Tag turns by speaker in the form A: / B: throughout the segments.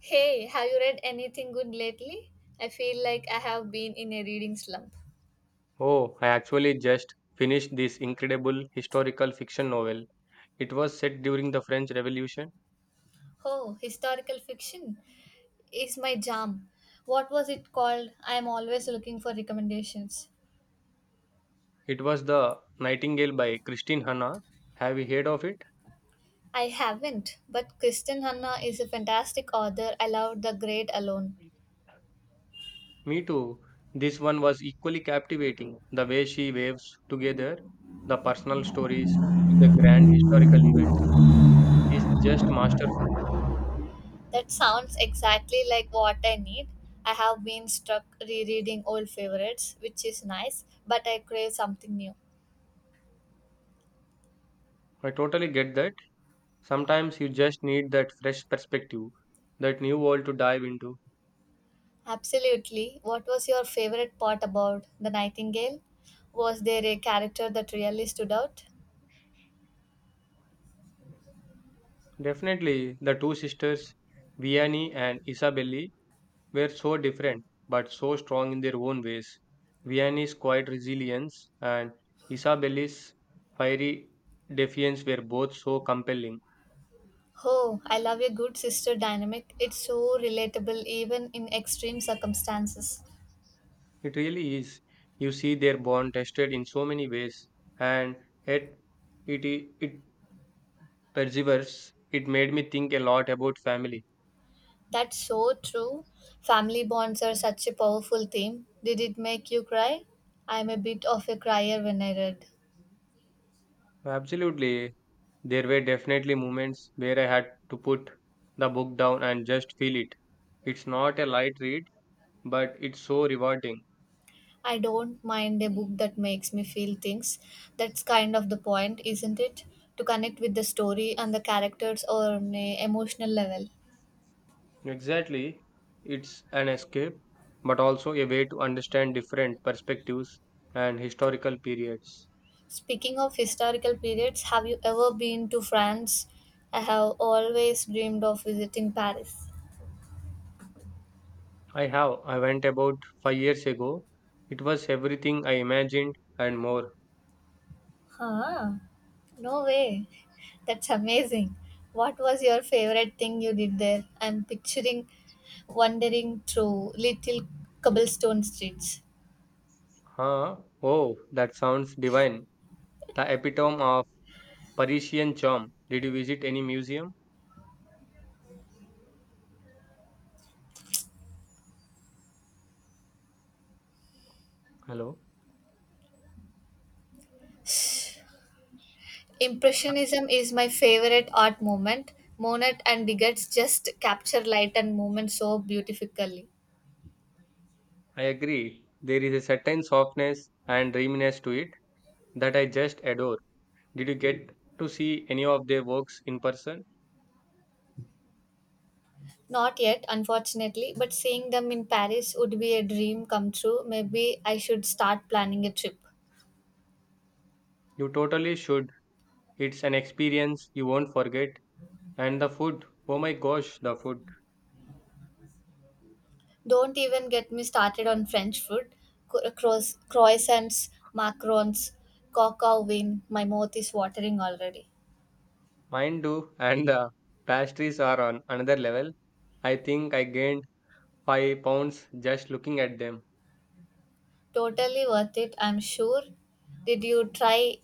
A: Hey, have you read anything good lately? I feel like I have been in a reading slump.
B: Oh, I actually just finished this incredible historical fiction novel. It was set during the French Revolution.
A: Oh, historical fiction is my jam. What was it called? I am always looking for recommendations.
B: It was The Nightingale by Christine Hanna. Have you heard of it?
A: I haven't, but Kristen Hanna is a fantastic author. I loved The Great Alone.
B: Me too. This one was equally captivating. The way she waves together the personal stories with the grand historical events is just masterful.
A: That sounds exactly like what I need. I have been stuck rereading old favorites, which is nice, but I crave something new.
B: I totally get that. Sometimes you just need that fresh perspective, that new world to dive into.
A: Absolutely. What was your favorite part about The Nightingale? Was there a character that really stood out?
B: Definitely, the two sisters, Vianney and Isabelle, were so different but so strong in their own ways. Vianney's quiet resilience and Isabelle's fiery defiance were both so compelling.
A: Oh, I love a good sister dynamic. It's so relatable even in extreme circumstances.
B: It really is. You see their bond tested in so many ways, and yet it perseveres. It made me think a lot about family.
A: That's so true. Family bonds are such a powerful theme. Did it make you cry? I'm a bit of a crier when I read.
B: Absolutely, there were definitely moments where I had to put the book down and just feel it. It's not a light read, but it's so rewarding.
A: I don't mind a book that makes me feel things. That's kind of the point, isn't it? To connect with the story and the characters on an emotional level.
B: Exactly. It's an escape, but also a way to understand different perspectives and historical periods.
A: Speaking of historical periods, have you ever been to France? I have always dreamed of visiting Paris.
B: I have. I went about 5 years ago. It was everything I imagined and more.
A: Huh? No way. That's amazing. What was your favorite thing you did there? I'm picturing wandering through little cobblestone streets.
B: Huh? Oh, that sounds divine. The epitome of Parisian charm. Did you visit any museum? Hello?
A: Impressionism is my favorite art movement. Monet and Degas just capture light and movement so beautifully.
B: I agree. There is a certain softness and dreaminess to it that I just adore. Did you get to see any of their works in person?
A: Not yet, unfortunately, but seeing them in Paris would be a dream come true. Maybe I should start planning a trip.
B: You totally should. It's an experience you won't forget. And the food, oh my gosh, the food.
A: Don't even get me started on French food. Croissants, macarons, coq au vin. My mouth is watering already.
B: Mine too. And the pastries are on another level. I think I gained 5 pounds just looking at them.
A: Totally worth it, I'm sure. Did you try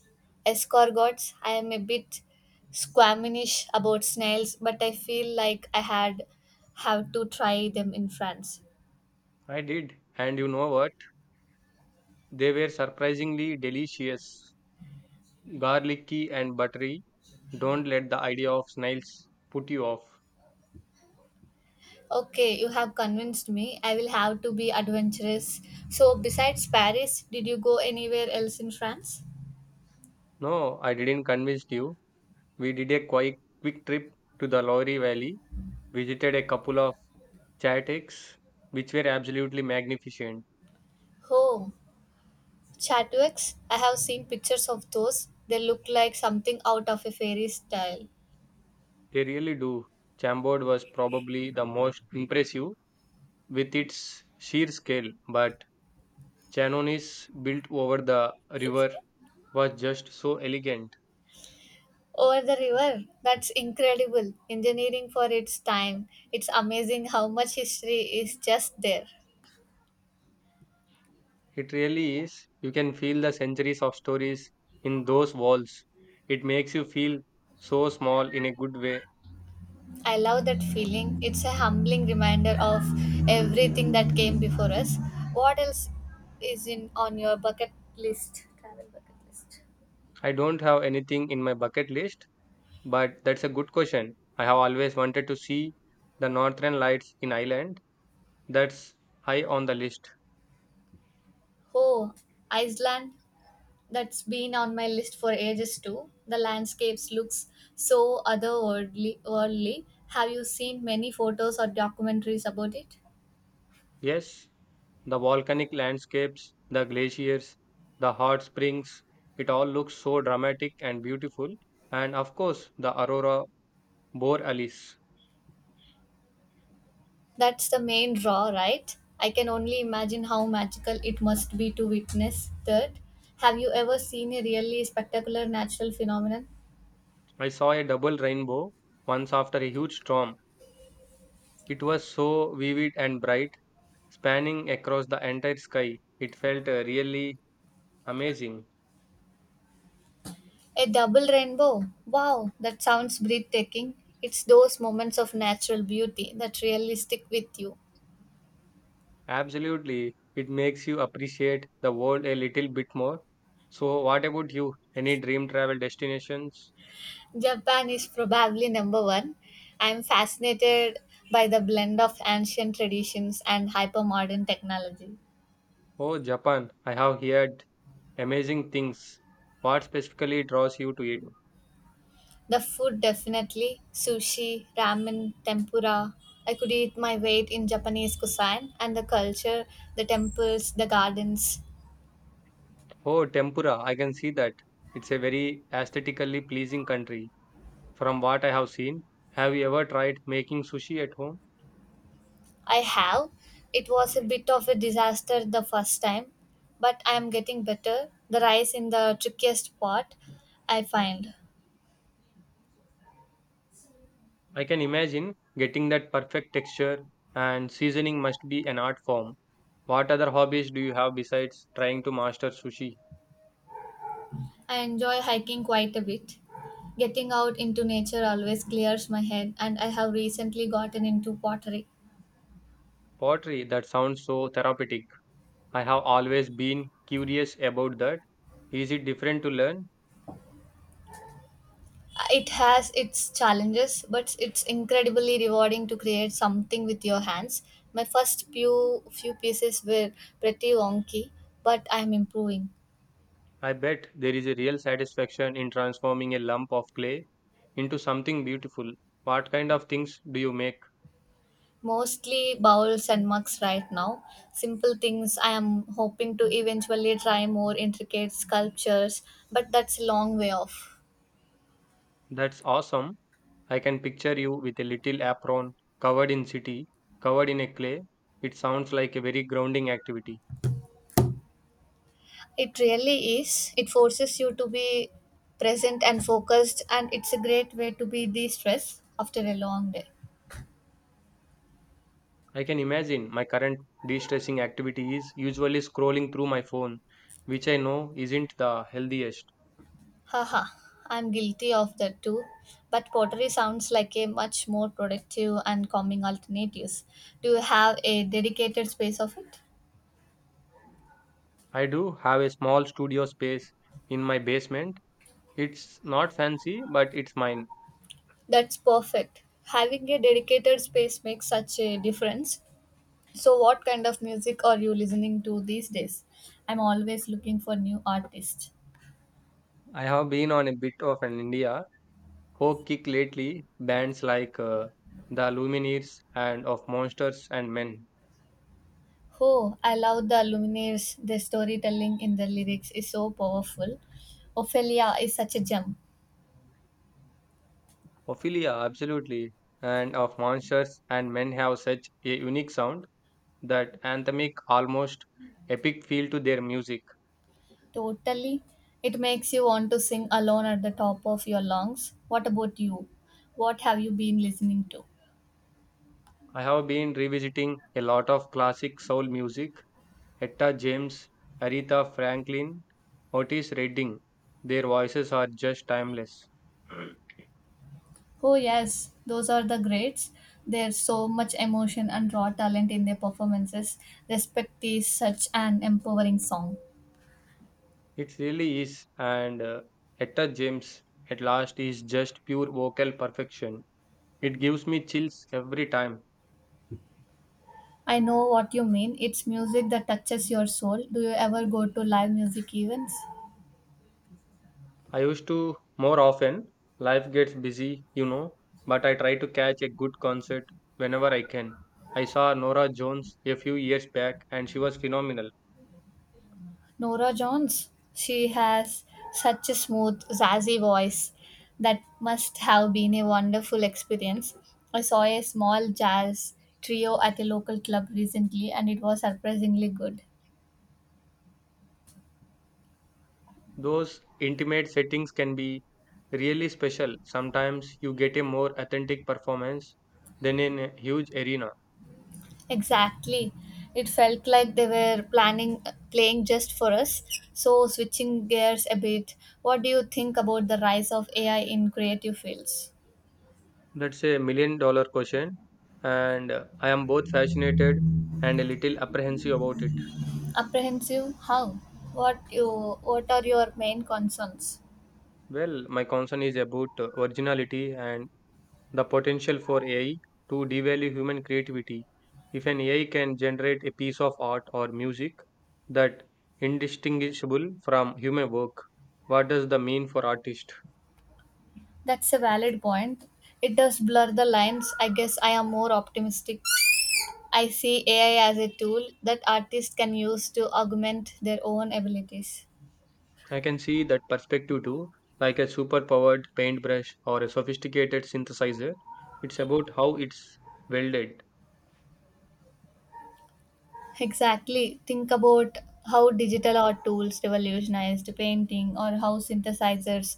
A: escargots? I am a bit squeamish about snails, but I feel like I had have to try them in France.
B: I did. And you know what? They were surprisingly delicious. Garlicky and buttery. Don't let the idea of snails put you off.
A: Okay, you have convinced me. I will have to be adventurous. So, besides Paris, did you go anywhere else in France?
B: No, I didn't convince you. We did a quick trip to the Lowry Valley, visited a couple of chateks, which were absolutely magnificent.
A: Oh, Chatwicks. I have seen pictures of those. They look like something out of a fairy tale.
B: They really do. Chambord was probably the most impressive with its sheer scale, but Chanonis built over the river was just so elegant.
A: Over the river? That's incredible. Engineering for its time. It's amazing how much history is just there.
B: It really is. You can feel the centuries of stories in those walls. It makes you feel so small in a good way.
A: I love that feeling. It's a humbling reminder of everything that came before us. What else is in on your bucket list? Travel bucket list.
B: I don't have anything in my bucket list, but that's a good question. I have always wanted to see the northern lights in Ireland. That's high on the list.
A: Oh, Iceland. That's been on my list for ages too. The landscapes looks so otherworldly. Worldly. Have you seen many photos or documentaries about it?
B: Yes, the volcanic landscapes, the glaciers, the hot springs, it all looks so dramatic and beautiful. And of course, the aurora borealis.
A: That's the main draw, right? I can only imagine how magical it must be to witness that. Have you ever seen a really spectacular natural phenomenon?
B: I saw a double rainbow once after a huge storm. It was so vivid and bright, spanning across the entire sky. It felt really amazing.
A: A double rainbow. Wow, that sounds breathtaking. It's those moments of natural beauty that really stick with you.
B: Absolutely, it makes you appreciate the world a little bit more. So, what about you? Any dream travel destinations?
A: Japan is probably number one. I'm fascinated by the blend of ancient traditions and hypermodern technology.
B: Oh, Japan. I have heard amazing things. What specifically draws you to it?
A: The food definitely sushi, ramen, tempura. I could eat my weight in Japanese cuisine and the culture, the temples, the gardens.
B: Oh, tempura. I can see that. It's a very aesthetically pleasing country. From what I have seen, have you ever tried making sushi at home?
A: I have. It was a bit of a disaster the first time, but I am getting better. The rice in the trickiest part, I find.
B: I can imagine getting that perfect texture and seasoning must be an art form. What other hobbies do you have besides trying to master sushi?
A: I enjoy hiking quite a bit. Getting out into nature always clears my head, and I have recently gotten into pottery.
B: Pottery, that sounds so therapeutic. I have always been curious about that. Is it different to learn?
A: It has its challenges, but it's incredibly rewarding to create something with your hands. My first few pieces were pretty wonky, but I am improving.
B: I bet there is a real satisfaction in transforming a lump of clay into something beautiful. What kind of things do you make?
A: Mostly bowls and mugs right now. Simple things. I am hoping to eventually try more intricate sculptures, but that's a long way off.
B: That's awesome. I can picture you with a little apron, covered in city, covered in a clay. It sounds like a very grounding activity.
A: It really is. It forces you to be present and focused, and it's a great way to be de stressed after a long day.
B: I can imagine my current de stressing activity is usually scrolling through my phone, which I know isn't the healthiest.
A: Haha, I'm guilty of that too. But pottery sounds like a much more productive and calming alternatives. Do you have a dedicated space of it?
B: I do have a small studio space in my basement. It's not fancy, but it's mine.
A: That's perfect. Having a dedicated space makes such a difference. So what kind of music are you listening to these days? I'm always looking for new artists.
B: I have been on a bit of an India folk kick lately, bands like the Lumineers and of Monsters and Men.
A: Oh, I love the Lumineers. The storytelling in the lyrics is so powerful. Ophelia is such a gem.
B: Ophelia, absolutely. And of monsters and men have such a unique sound, that anthemic, almost epic feel to their music.
A: Totally. It makes you want to sing alone at the top of your lungs. What about you? What have you been listening to?
B: I have been revisiting a lot of classic soul music, Etta James, Aretha Franklin, Otis Redding. Their voices are just timeless.
A: Oh, yes, those are the greats. There's so much emotion and raw talent in their performances. Respect is such an empowering song.
B: It really is, and Etta James at last is just pure vocal perfection. It gives me chills every time.
A: I know what you mean. It's music that touches your soul. Do you ever go to live music events?
B: I used to more often. Life gets busy, you know, but I try to catch a good concert whenever I can. I saw Nora Jones a few years back and she was phenomenal.
A: Nora Jones. She has such a smooth, zazzy voice. That must have been a wonderful experience. I saw a small jazz trio at a local club recently, and it was surprisingly good.
B: Those intimate settings can be really special. Sometimes you get a more authentic performance than in a huge arena.
A: Exactly. It felt like they were planning playing just for us. So switching gears a bit, what do you think about the rise of AI in creative fields?
B: That's a million dollar question, and I am both fascinated and a little apprehensive about it.
A: Apprehensive? How? What are your main concerns?
B: Well, my concern is about originality and the potential for AI to devalue human creativity. If an AI can generate a piece of art or music that indistinguishable from human work, what does the mean for artist?
A: That's a valid point. It does blur the lines. I guess I am more optimistic. I see AI as a tool that artists can use to augment their own abilities.
B: I can see that perspective too, like a superpowered paintbrush or a sophisticated synthesizer. It's about how it's welded.
A: Exactly. Think about how digital art tools revolutionized painting, or how synthesizers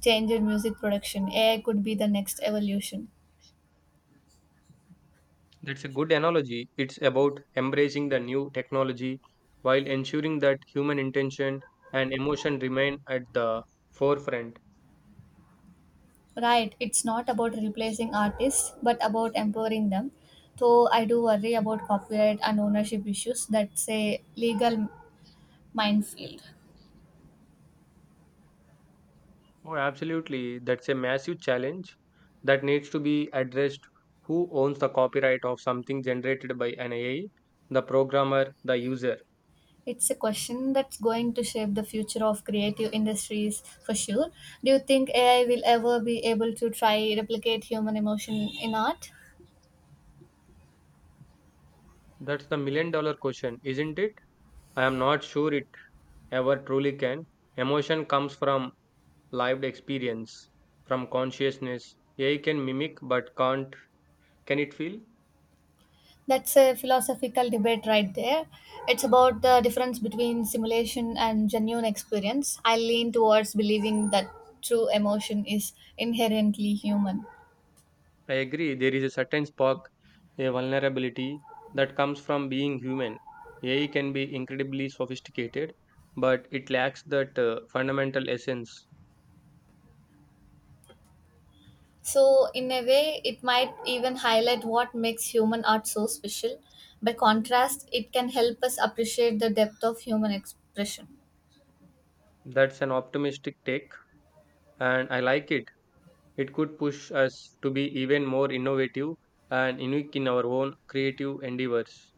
A: changed music production. AI could be the next evolution.
B: That's a good analogy. It's about embracing the new technology while ensuring that human intention and emotion remain at the forefront.
A: Right, it's not about replacing artists but about empowering them. Though I do worry about copyright and ownership issues. That's a legal minefield.
B: Oh, absolutely. That's a massive challenge that needs to be addressed. Who owns the copyright of something generated by an AI? The programmer, the user?
A: It's a question that's going to shape the future of creative industries for sure. Do you think AI will ever be able to try replicate human emotion in art?
B: That's the million dollar question, isn't it? I am not sure it ever truly can. Emotion comes from lived experience, from consciousness. AI can mimic but can't. Can it feel?
A: That's a philosophical debate right there. It's about the difference between simulation and genuine experience. I lean towards believing that true emotion is inherently human.
B: I agree, there is a certain spark, a vulnerability that comes from being human. AI can be incredibly sophisticated, but it lacks that fundamental essence.
A: So, in a way, it might even highlight what makes human art so special. By contrast, it can help us appreciate the depth of human expression.
B: That's an optimistic take, and I like it. It could push us to be even more innovative and unique in our own creative endeavors.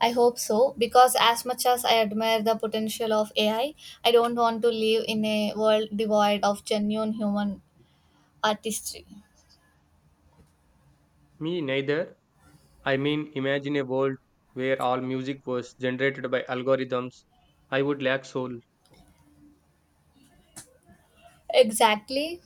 A: I hope so, because as much as I admire the potential of AI, I don't want to live in a world devoid of genuine human artistry.
B: Me neither. I mean, imagine a world where all music was generated by algorithms. I would lack soul.
A: Exactly.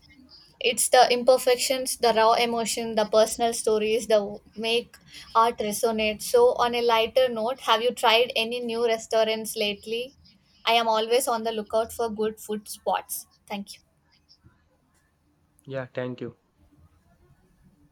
A: It's the imperfections, the raw emotion, the personal stories that make art resonate. So, on a lighter note, have you tried any new restaurants lately? I am always on the lookout for good food spots. Thank you.
B: Yeah, thank you.